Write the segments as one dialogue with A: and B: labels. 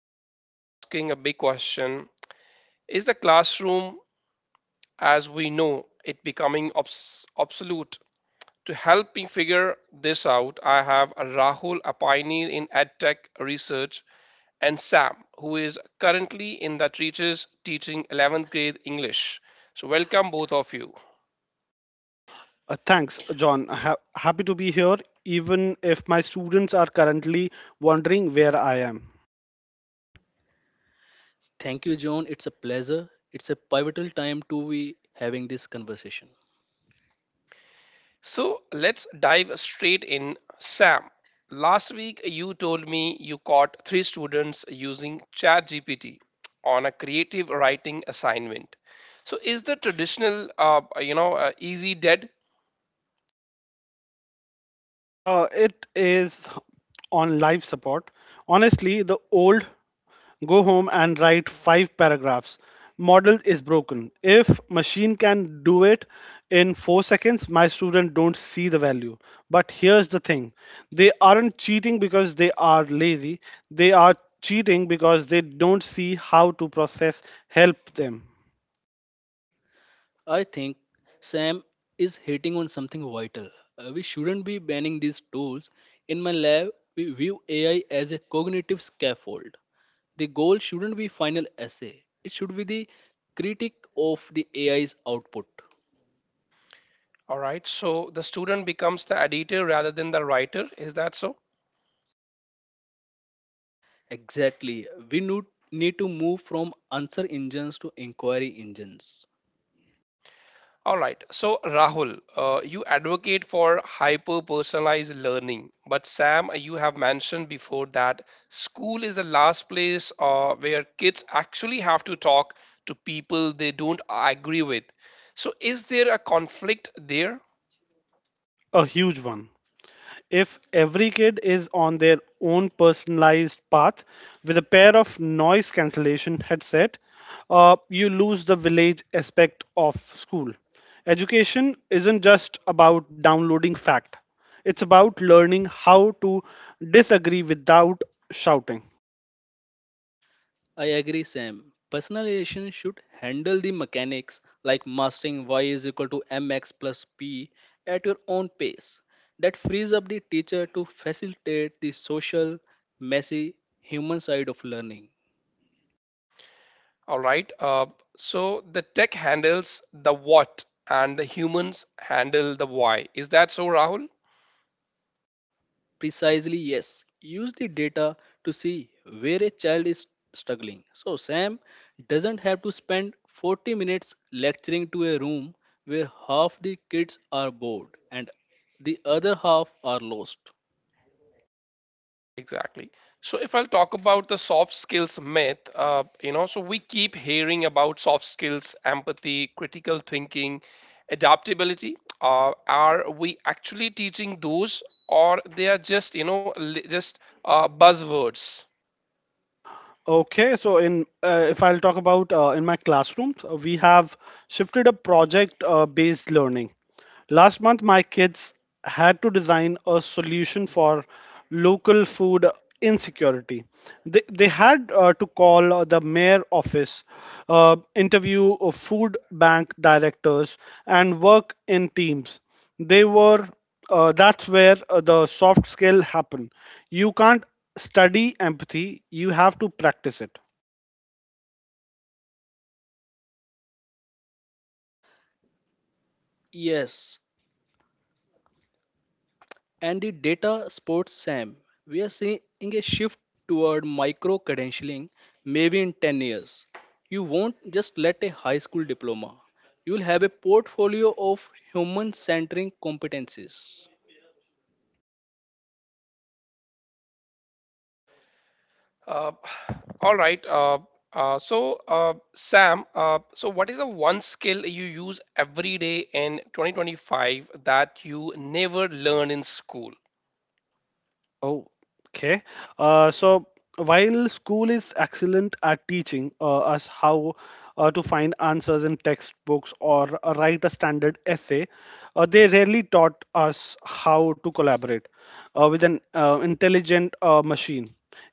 A: Today, we are asking a big question. Is the classroom as we know it becoming obsolete? To help me figure this out, I have Rahul, a pioneer in edtech research, and Sam, who is currently in the trenches teaching 11th grade English. So, welcome both of you.
B: Thanks, John. Happy to be here, even if my students are currently wondering where I am.
C: Thank you, John. It's a pleasure. It's a pivotal time to be having this conversation.
A: So let's dive straight in. Sam, last week you told me you caught three students using ChatGPT on a creative writing assignment. So is the traditional, easy dead?
B: It is on life support. Honestly, the old go home and write five paragraphs. Model is broken. If machine can do it in 4 seconds, my student don't see the value. But here's the thing: they aren't cheating because they are lazy. They are cheating because they don't see how to process help them.
C: I think Sam is hitting on something vital. We shouldn't be banning these tools. In my lab, we view AI as a cognitive scaffold. The goal shouldn't be final essay. It should be the critique of the AI's output.
A: All right. So the student becomes the editor rather than the writer. Is that so?
C: Exactly. We need to move from answer engines to inquiry engines.
A: All right. So, Rahul, you advocate for hyper personalized learning, but Sam, you have mentioned before that school is the last place where kids actually have to talk to people they don't agree with. So, is there a conflict there?
B: A huge one. If every kid is on their own personalized path with a pair of noise cancellation headset, you lose the village aspect of school. Education isn't just about downloading fact. It's about learning how to disagree without shouting.
C: I agree, Sam. Personalization should handle the mechanics like mastering y is equal to mx plus p at your own pace. That frees up the teacher to facilitate the social, messy, human side of learning.
A: All right. So, the tech handles the what and the humans handle the why. Is that so, Rahul?
C: Precisely, yes. Use the data to see where a child is struggling. So, Sam doesn't have to spend 40 minutes lecturing to a room where half the kids are bored and the other half are lost.
A: Exactly. So if I'll talk about the soft skills myth, so we keep hearing about soft skills, empathy, critical thinking, adaptability. Are we actually teaching those, or they are just, buzzwords?
B: Okay, so in if I'll talk about in my classrooms, we have shifted a project based learning. Last month, my kids had to design a solution for local food insecurity. They had to call the mayor office, interview food bank directors, and work in teams. They were That's where the soft skill happen. You can't study empathy, you have to practice it.
C: Yes, and the data sports SAM. We are seeing a shift toward micro credentialing maybe in 10 years. You won't just let a high school diploma, you will have a portfolio of human centering competencies.
A: Uh, all right. Sam, so what is the one skill you use every day in 2025 that you never learn in school?
B: oh okay uh, so while school is excellent at teaching us how to find answers in textbooks or write a standard essay, they rarely taught us how to collaborate with an intelligent machine.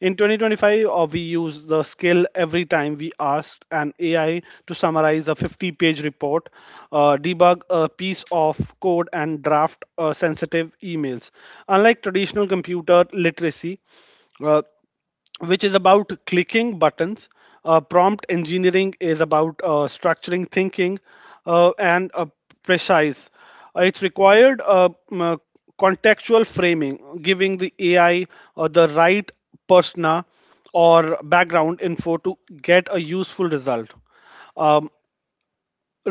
B: In 2025, we use the skill every time we ask an AI to summarize a 50-page report, debug a piece of code, and draft sensitive emails. Unlike traditional computer literacy, uh, which is about clicking buttons. Prompt engineering is about structuring thinking and precise. It's required contextual framing, giving the AI the right persona or background info to get a useful result. Um,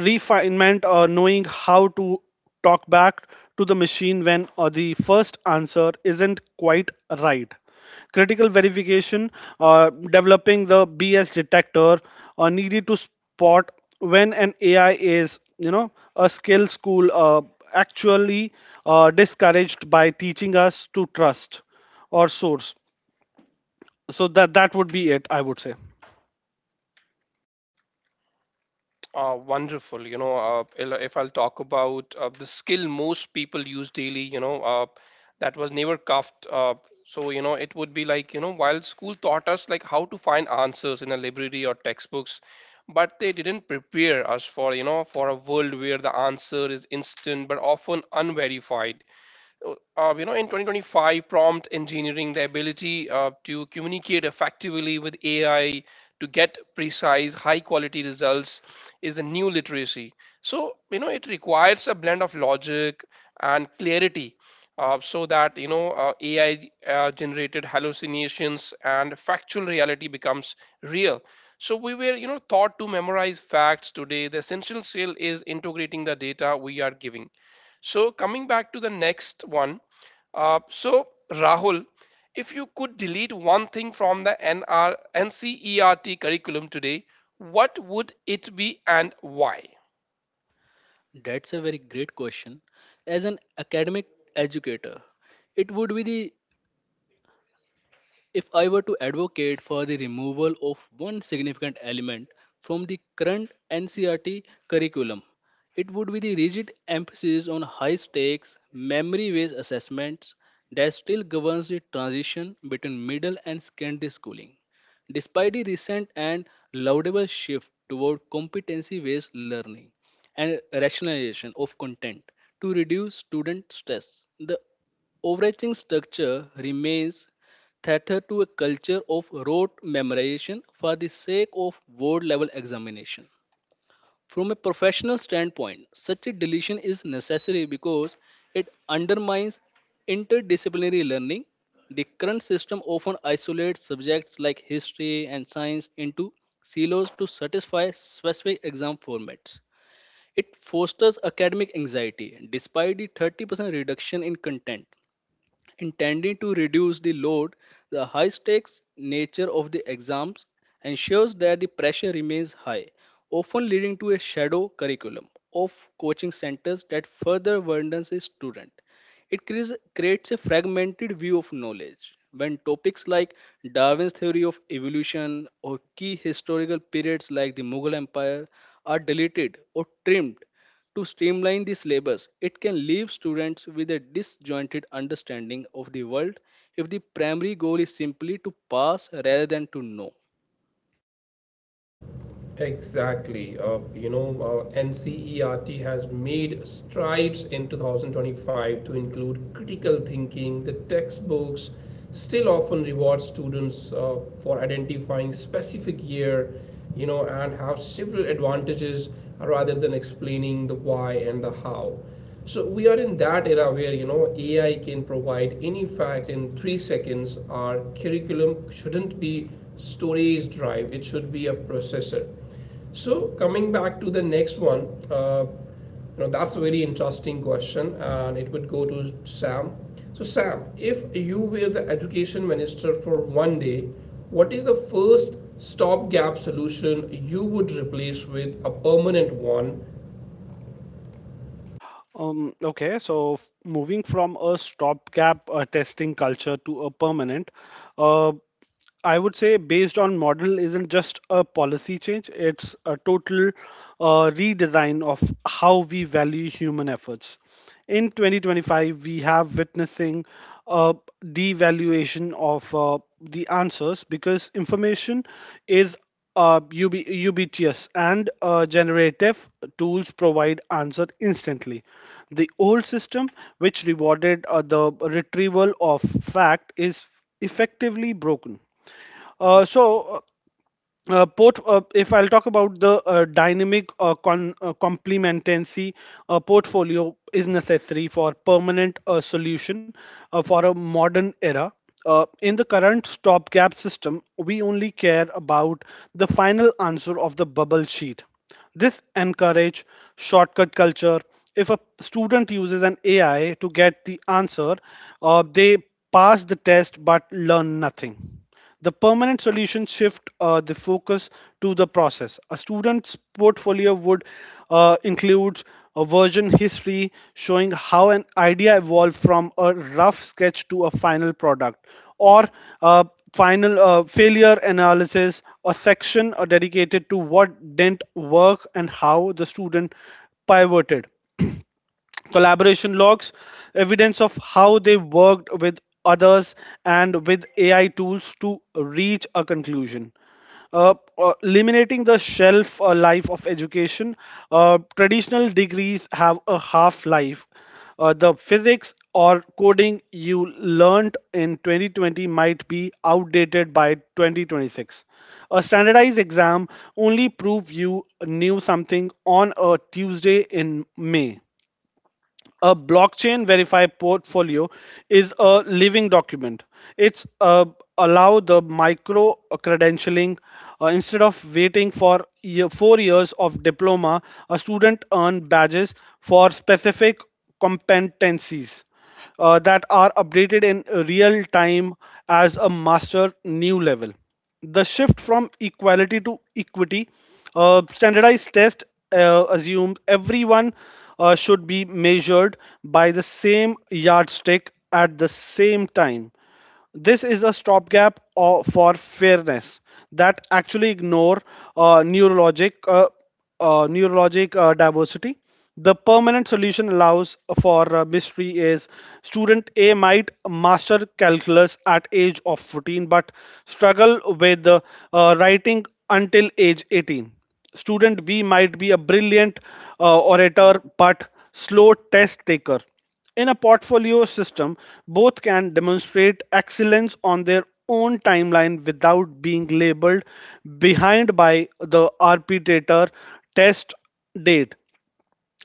B: Refinement, or knowing how to talk back to the machine when the first answer isn't quite right. Critical verification, developing the bs detector needed to spot when an AI is, a skill school actually discouraged by teaching us to trust or source. So that would be it, I would say.
A: Wonderful. You know, if I'll talk about the skill most people use daily, you know, that was never cuffed. So, you know, it would be like, you know, while school taught us like how to find answers in a library or textbooks, but they didn't prepare us for, you know, for a world where the answer is instant but often unverified, you know, in 2025, prompt engineering, the ability to communicate effectively with AI to get precise, high quality results is the new literacy. So, you know, it requires a blend of logic and clarity. So that, you know, ai generated hallucinations and factual reality becomes real. So we were, you know, taught to memorize facts. Today the essential skill is integrating the data we are giving. So coming back to the next one, so Rahul, if you could delete one thing from the NRNCERT curriculum today, what would it be and why?
C: That's a very great question. As an academic educator, it would be the— if I were to advocate for the removal of one significant element from the current NCRT curriculum, it would be the rigid emphasis on high stakes, memory based assessments that still governs the transition between middle and secondary schooling. Despite the recent and laudable shift toward competency based learning and rationalization of content to reduce student stress, the overarching structure remains theater to a culture of rote memorization for the sake of board level examination. From a professional standpoint, such a deletion is necessary because it undermines interdisciplinary learning. The current system often isolates subjects like history and science into silos to satisfy specific exam formats. It fosters academic anxiety despite the 30% reduction in content intending to reduce the load, the high stakes nature of the exams ensures that the pressure remains high, often leading to a shadow curriculum of coaching centers that further burdens a student. It creates a fragmented view of knowledge. When topics like Darwin's theory of evolution or key historical periods like the Mughal Empire are deleted or trimmed to streamline the syllabus, it can leave students with a disjointed understanding of the world if the primary goal is simply to pass rather than to know.
B: Okay, so moving from a stopgap testing culture to a permanent, uh, I would say based on model isn't just a policy change, it's a total redesign of how we value human efforts. In 2025, we have witnessing a devaluation of the answers because information is, uh, ubiquitous, and generative tools provide answer instantly. The old system, which rewarded the retrieval of fact, is effectively broken. So, port If I'll talk about the dynamic complementancy portfolio is necessary for permanent solution for a modern era. In the current stopgap system, we only care about the final answer of the bubble sheet. This encourage shortcut culture. If a student uses an AI to get the answer, they pass the test but learn nothing. The permanent solution shift the focus to the process. A student's portfolio would include a version history showing how an idea evolved from a rough sketch to a final product, or a final failure analysis, a section dedicated to what didn't work and how the student pivoted. Collaboration logs, evidence of how they worked with others and with AI tools to reach a conclusion. Eliminating the shelf life of education, traditional degrees have a half life. The physics or coding you learned in 2020 might be outdated by 2026. A standardized exam only prove you knew something on a Tuesday in May. A blockchain verified portfolio is a living document. It's allow the micro credentialing, instead of waiting for year, 4 years of diploma, a student earn badges for specific competencies that are updated in real time as a master new level. The shift from equality to equity, standardized test assumes everyone should be measured by the same yardstick at the same time. This is a stopgap for fairness that actually ignore uh, neurologic uh, neurologic diversity. The permanent solution allows for mystery is student A might master calculus at age of 14 but struggle with writing until age 18. Student B might be a brilliant orator but slow test taker. In a portfolio system, both can demonstrate excellence on their own timeline without being labeled behind by the arbitrator test date.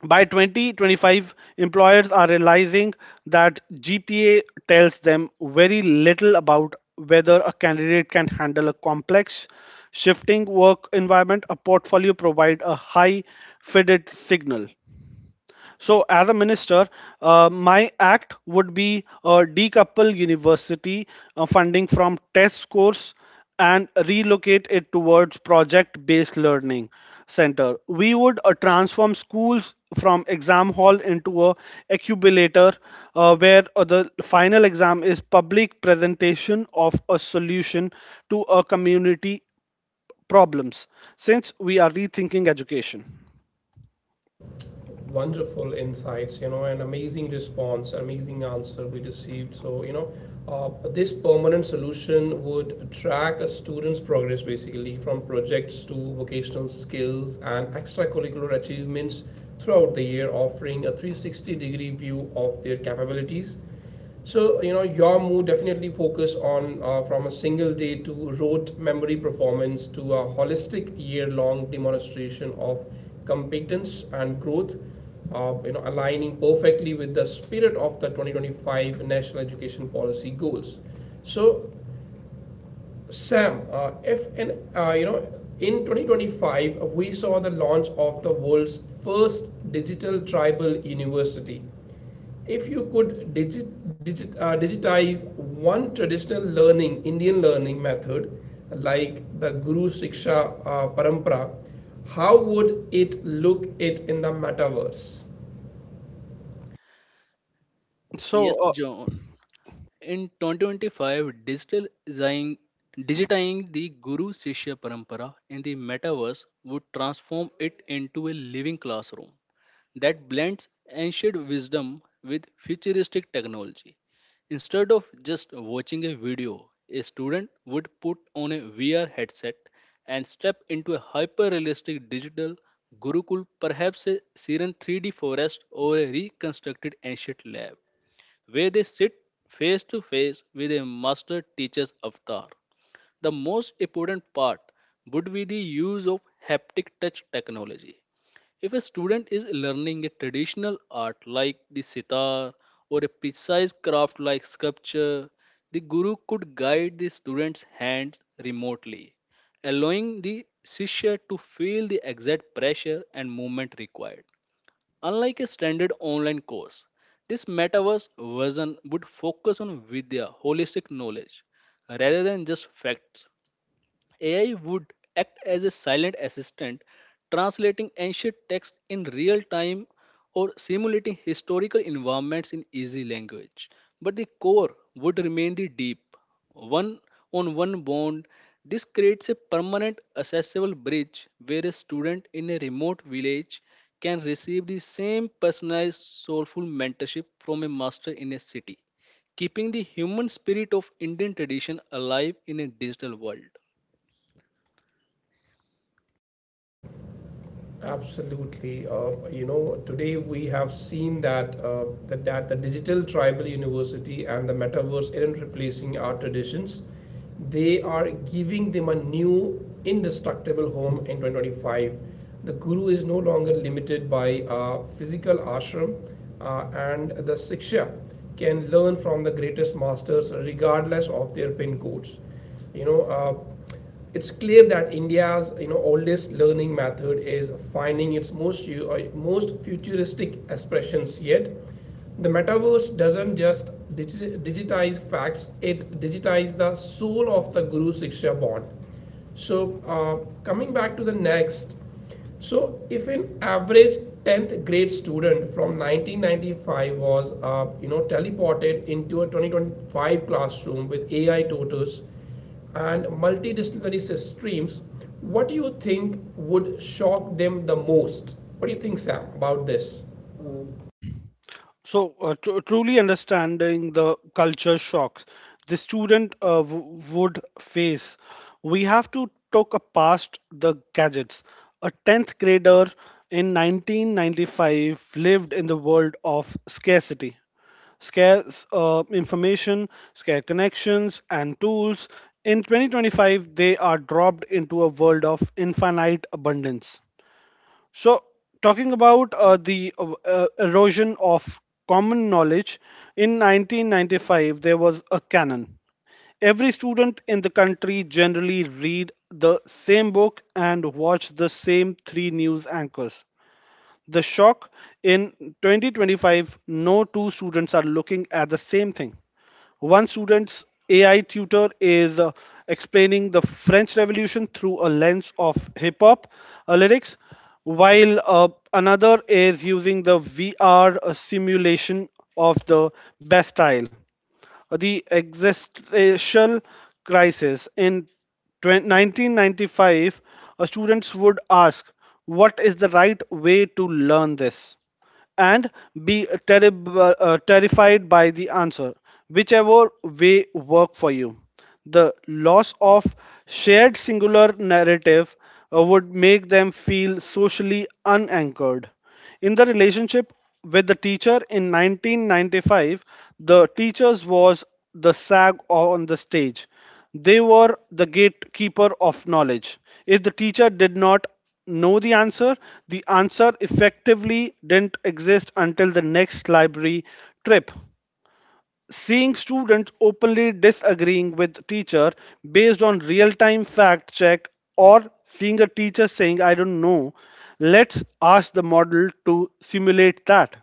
B: By 2025, employers are realizing that GPA tells them very little about whether a candidate can handle a complex, shifting work environment. A portfolio provides a high fitted signal. So, as a minister, my act would be decouple university funding from test scores and relocate it towards project based learning center. We would transform schools from exam hall into a accumulator where the final exam is public presentation of a solution to a community problems, since we are rethinking education. So,
C: Yes,
B: uh,
C: John. In 2025, digital digitizing the Guru Shishya Parampara in the metaverse would transform it into a living classroom that blends ancient wisdom with futuristic technology. Instead of just watching a video, a student would put on a VR headset and step into a hyper realistic digital Gurukul, perhaps a serene 3D forest or a reconstructed ancient lab where they sit face to face with a master teacher's avatar. The most important part would be the use of haptic touch technology. If a student is learning a traditional art like the sitar or a precise craft like sculpture, the guru could guide the student's hands remotely, allowing the Shishya to feel the exact pressure and movement required. Unlike a standard online course, this metaverse version would focus on Vidya holistic knowledge rather than just facts. AI would act as a silent assistant, translating ancient text in real time or simulating historical environments in easy language. But the core would remain the deep, one on one bond. This creates a permanent accessible bridge where a student in a remote village can receive the same personalized, soulful mentorship from a master in a city, keeping the human spirit of Indian tradition alive in a digital world.
B: Truly understanding the culture shocks the student would face, we have to talk past the gadgets. A 10th grader in 1995 lived in the world of scarcity scarce information, scarce connections, and tools. In 2025, they are dropped into a world of infinite abundance. So, talking about the erosion of common knowledge. In 1995 there was a canon. Every student in the country generally read the same book and watch the same three news anchors. The shock in 2025, no two students are looking at the same thing. One student's AI tutor is explaining the French Revolution through a lens of hip hop lyrics, while another is using the VR simulation of the Bastille, the existential crisis. In 20 1995, students would ask, "What is the right way to learn this?" and be terrified by the answer, whichever way work for you. The loss of shared singular narrative would make them feel socially unanchored. In the relationship with the teacher in 1995, the teachers was the sag on the stage. They were the gatekeeper of knowledge. If the teacher did not know the answer effectively didn't exist until the next library trip. Seeing students openly disagreeing with teacher based on real time fact check, or seeing a teacher saying "I don't know, let's ask the model to simulate that,"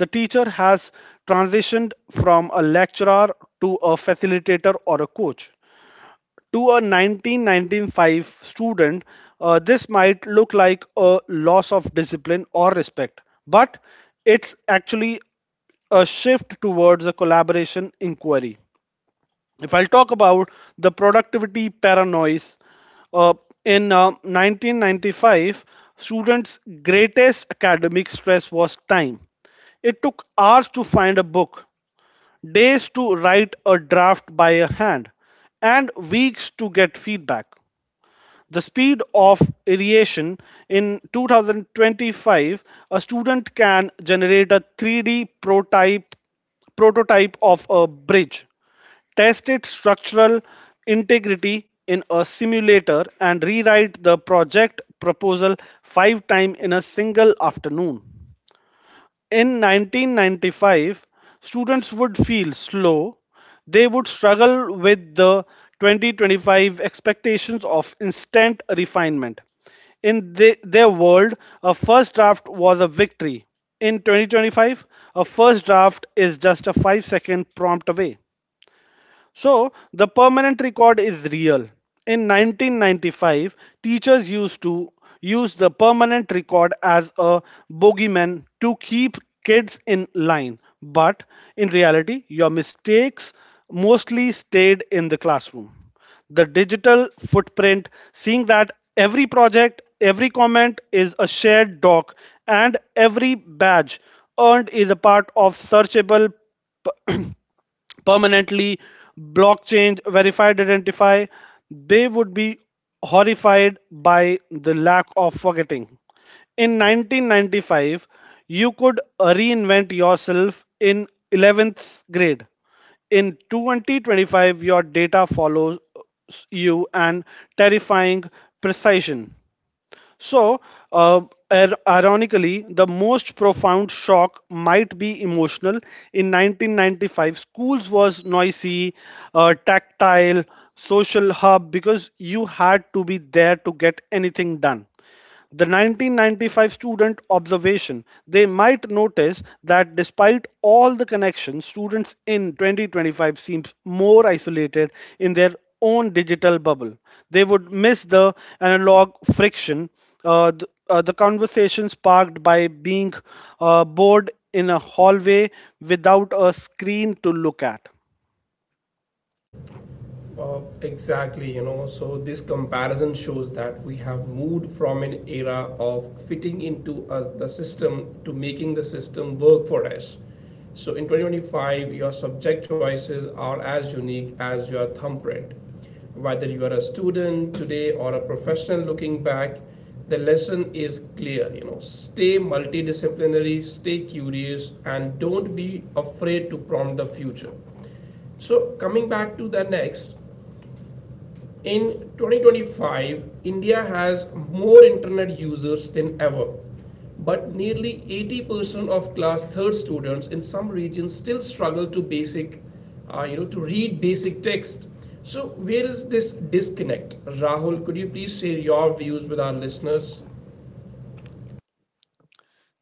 B: the teacher has transitioned from a lecturer to a facilitator or a coach. To a 1995 student, this might look like a loss of discipline or respect, but it's actually a shift towards a collaboration inquiry. If I'll talk about the productivity paranoia, uh, in 1995, students' greatest academic stress was time. It took hours to find a book, days to write a draft by a hand, and weeks to get feedback. The speed of aeration in 2025, a student can generate a 3D prototype of a bridge, test its structural integrity in a simulator, and rewrite the project proposal five times in a single afternoon. In 1995, students would feel slow. They would struggle with the 2025 expectations of instant refinement. In their world, a first draft was a victory. In 2025, a first draft is just a 5-second prompt away. So the permanent record is real. In 1995, teachers used to use the permanent record as a bogeyman to keep kids in line. But in reality, your mistakes mostly stayed in the classroom. The digital footprint, seeing that every project, every comment is a shared doc, and every badge earned is a part of searchable, permanently blockchain verified identify, they would be horrified by the lack of forgetting. In 1995 you could reinvent yourself in 11th grade. In 2025 your data follows you and terrifying precision. so, uh, Ironically, the most profound shock might be emotional. In 1995, schools was noisy, tactile, social hub because you had to be there to get anything done. The 1995 student observation, they might notice that despite all the connections, students in 2025 seem more isolated in their own digital bubble. They would miss the analog friction, the conversation sparked by being bored in a hallway without a screen to look at.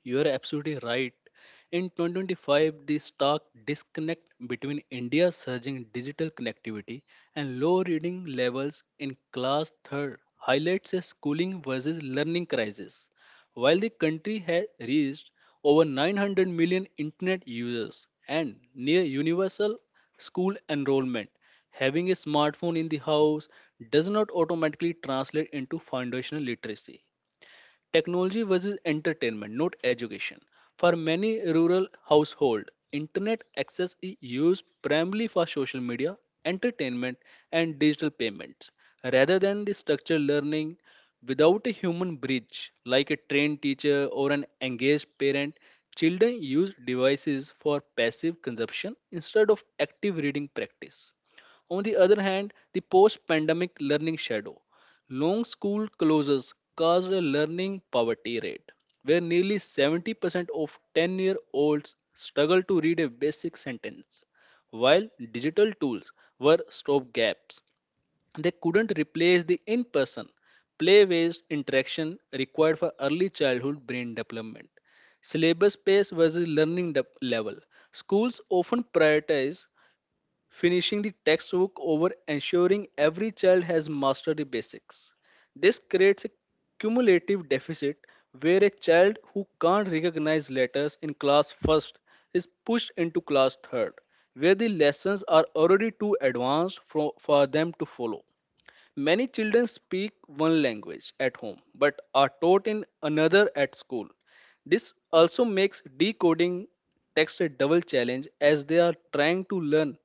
C: You are absolutely right. In 2025, the stark disconnect between India's surging digital connectivity and low reading levels in class third highlights a schooling versus learning crisis. While the country has reached over 900 million internet users and near universal school enrollment, having a smartphone in the house does not automatically translate into foundational literacy. Technology versus entertainment, not education. For many rural households, internet access is used primarily for social media, entertainment, and digital payments, rather than the structured learning. Without a human bridge, like a trained teacher or an engaged parent, children use devices for passive consumption instead of active reading practice. On the other hand, the post pandemic learning shadow. Long school closures caused a learning poverty rate, where nearly 70% of 10-year-olds struggle to read a basic sentence, while digital tools were stopgaps. They couldn't replace the in person, play based interaction required for early childhood brain development syllabus pace versus learning level. Schools often prioritize finishing the textbook over ensuring every child has mastered the basics. This creates a cumulative deficit where a child who can't recognize letters in class first is pushed into class third, where the lessons are already too advanced for them to follow. Many children speak one language at home but are taught in another at school. This also makes decoding text a double challenge as they are trying to learn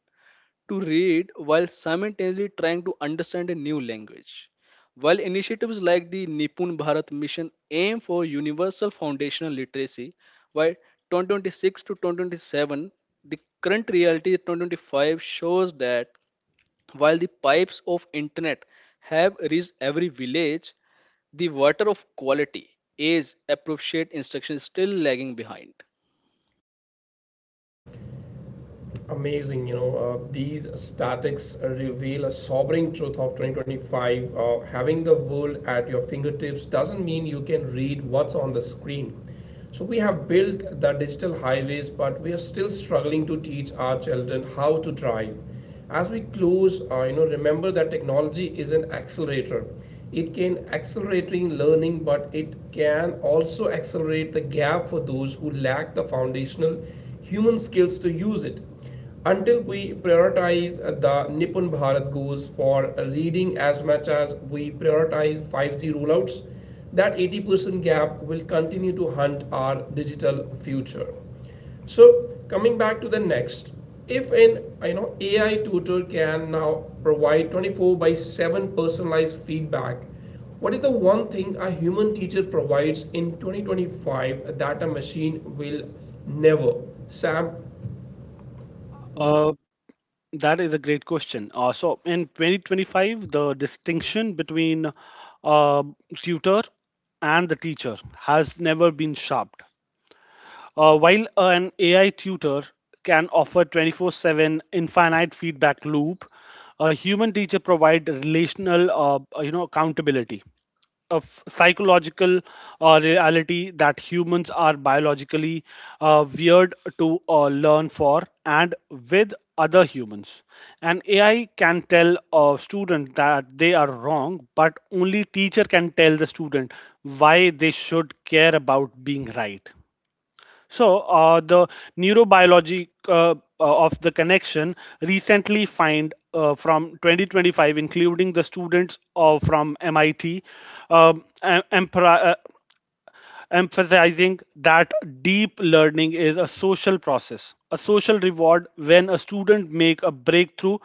C: to read while simultaneously trying to understand a new language. While initiatives like the Nipun Bharat Mission aim for universal foundational literacy, by 2026 to 2027, the current reality 2025 shows that while the pipes of internet have reached every village, the water of quality age appropriate instruction is still lagging behind.
B: Uh, That is a great question. So in 2025, the distinction between uh, tutor and the teacher has never been sharp. While an AI tutor can offer 24/7 infinite feedback loop, a human teacher provides relational, accountability of psychological reality that humans are biologically weird to learn for and with other humans. And AI can tell a student that they are wrong, but only teacher can tell the student why they should care about being right. The neurobiology of the connection recently find from 2025, including the students from MIT, um, em- empri- uh, emphasizing that deep learning is a social process, a social reward when a student make a breakthrough.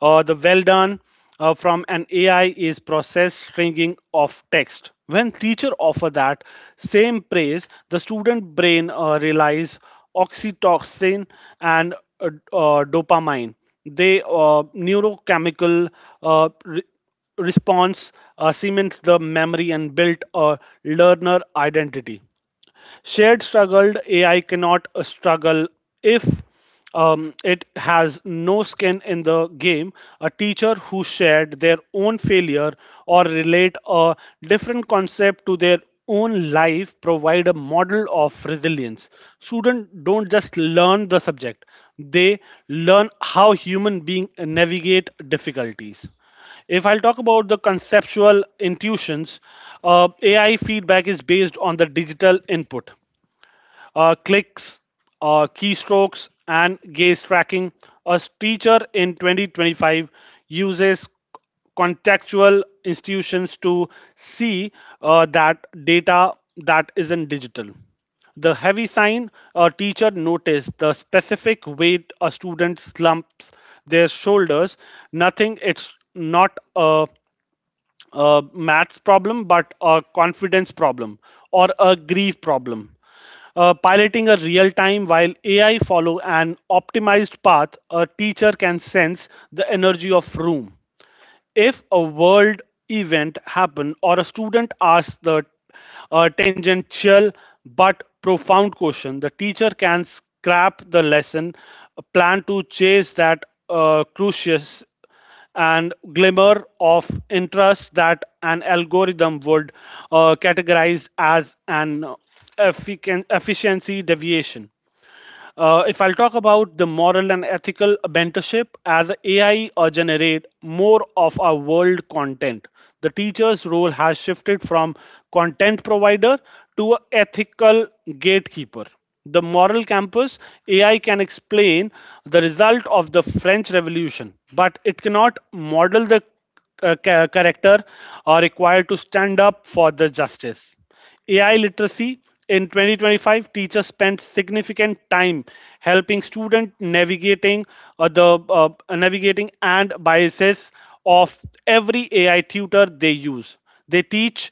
B: The well done from an AI is process stringing of text. When teacher offer that same praise, the student brain relies oxytocin and uh, dopamine. They neurochemical uh, re- response cemented the memory and built a learner identity. Shared struggled AI cannot struggle if, it has no skin in the game. A teacher who shared their own failure or relate a different concept to their own life provide a model of resilience. Students don't just learn the subject; they learn how human beings navigate difficulties. If I'll talk about the conceptual intuitions, AI feedback is based on the digital input, clicks, keystrokes, and gaze tracking. A teacher in 2025 uses contextual institutions to see that data that isn't digital. The heavy sign a teacher noticed the specific weight a student slumps their shoulders. Nothing, it's not a maths problem, but a confidence problem or a grief problem. Piloting a real time while AI follow an optimized path, a teacher can sense the energy of room. If a world event happen or a student asks the tangential but profound question, the teacher can scrap the lesson plan to chase that crucius and glimmer of interest that an algorithm would categorize as an efficiency deviation. If I'll talk about the moral and ethical mentorship, as AI generate more of our world content, the teacher's role has shifted from content provider to a ethical gatekeeper. The moral campus AI can explain the result of the French Revolution, but it cannot model the character required to stand up for the justice. AI literacy in 2025, teachers spent significant time helping students navigating the navigating and biases of every AI tutor they use. They teach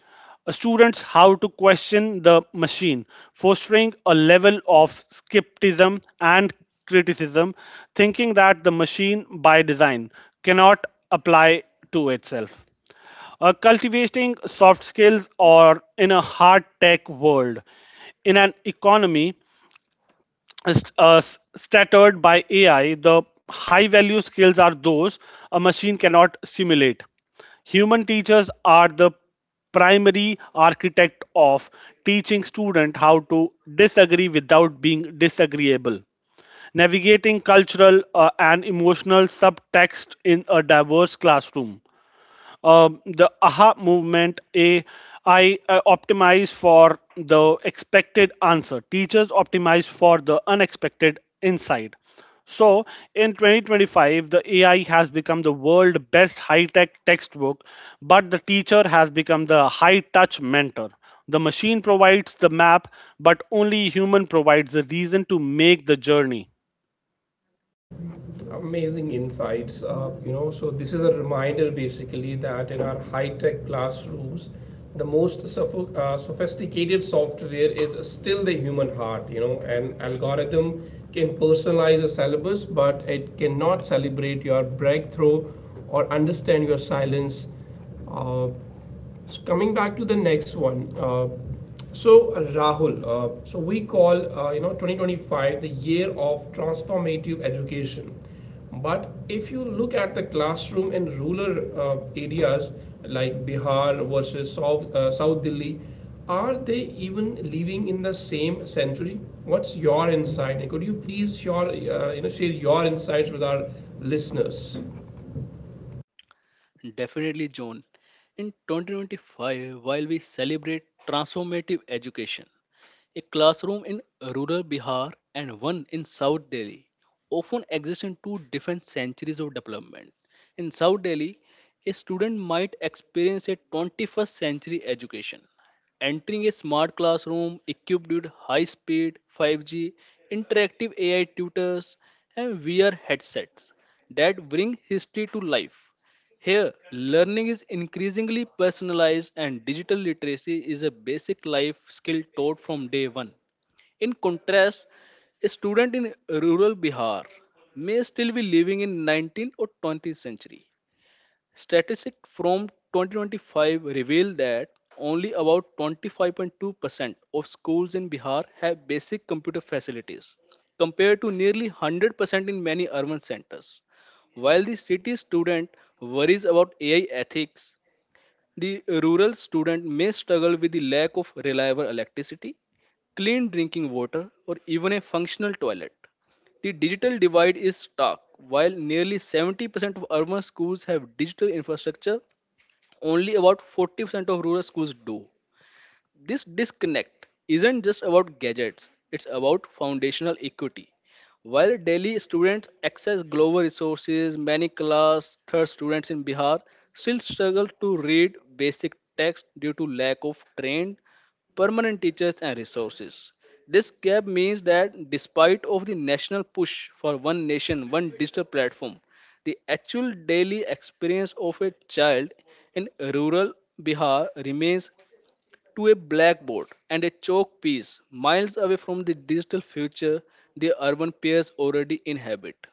B: students how to question the machine, fostering a level of skepticism and criticism, thinking that the machine by design cannot apply to itself. Cultivating soft skills or in a hard tech world. In an economy stuttered by AI, the high value skills are those a machine cannot simulate. Human teachers are the primary architect of teaching student how to disagree without being disagreeable, navigating cultural and emotional subtext in a diverse classroom. The aha movement, AI optimize for the expected answer, teachers optimize for the unexpected insight. So in 2025 the AI has become the world best high tech textbook, but the teacher has become the high touch mentor. The machine provides the map, but only human provides the reason to make the journey.
C: Definitely, John. In 2025, while we celebrate transformative education, a classroom in rural Bihar and one in South Delhi often exist in two different centuries of development. In South Delhi, a student might experience a 21st century education. Entering a smart classroom equipped with high speed 5G, interactive AI tutors, and VR headsets that bring history to life. Here, learning is increasingly personalized, and digital literacy is a basic life skill taught from day one. In contrast, a student in rural Bihar may still be living in 19th or 20th century. Statistics from 2025 reveal that only about 25.2% of schools in Bihar have basic computer facilities, compared to nearly 100% in many urban centers. While the city student worries about AI ethics, the rural student may struggle with the lack of reliable electricity, clean drinking water, or even a functional toilet. The digital divide is stark. While nearly 70% of urban schools have digital infrastructure, only about 40% of rural schools do. This disconnect isn't just about gadgets, it's about foundational equity. While daily students access global resources, many class third students in Bihar still struggle to read basic text due to lack of trained permanent teachers and resources. This gap means that despite of the national push for one nation, one digital platform, the actual daily experience of a child in rural Bihar remains to a blackboard and a chalk piece miles away from the digital future the urban pairs already inhabit.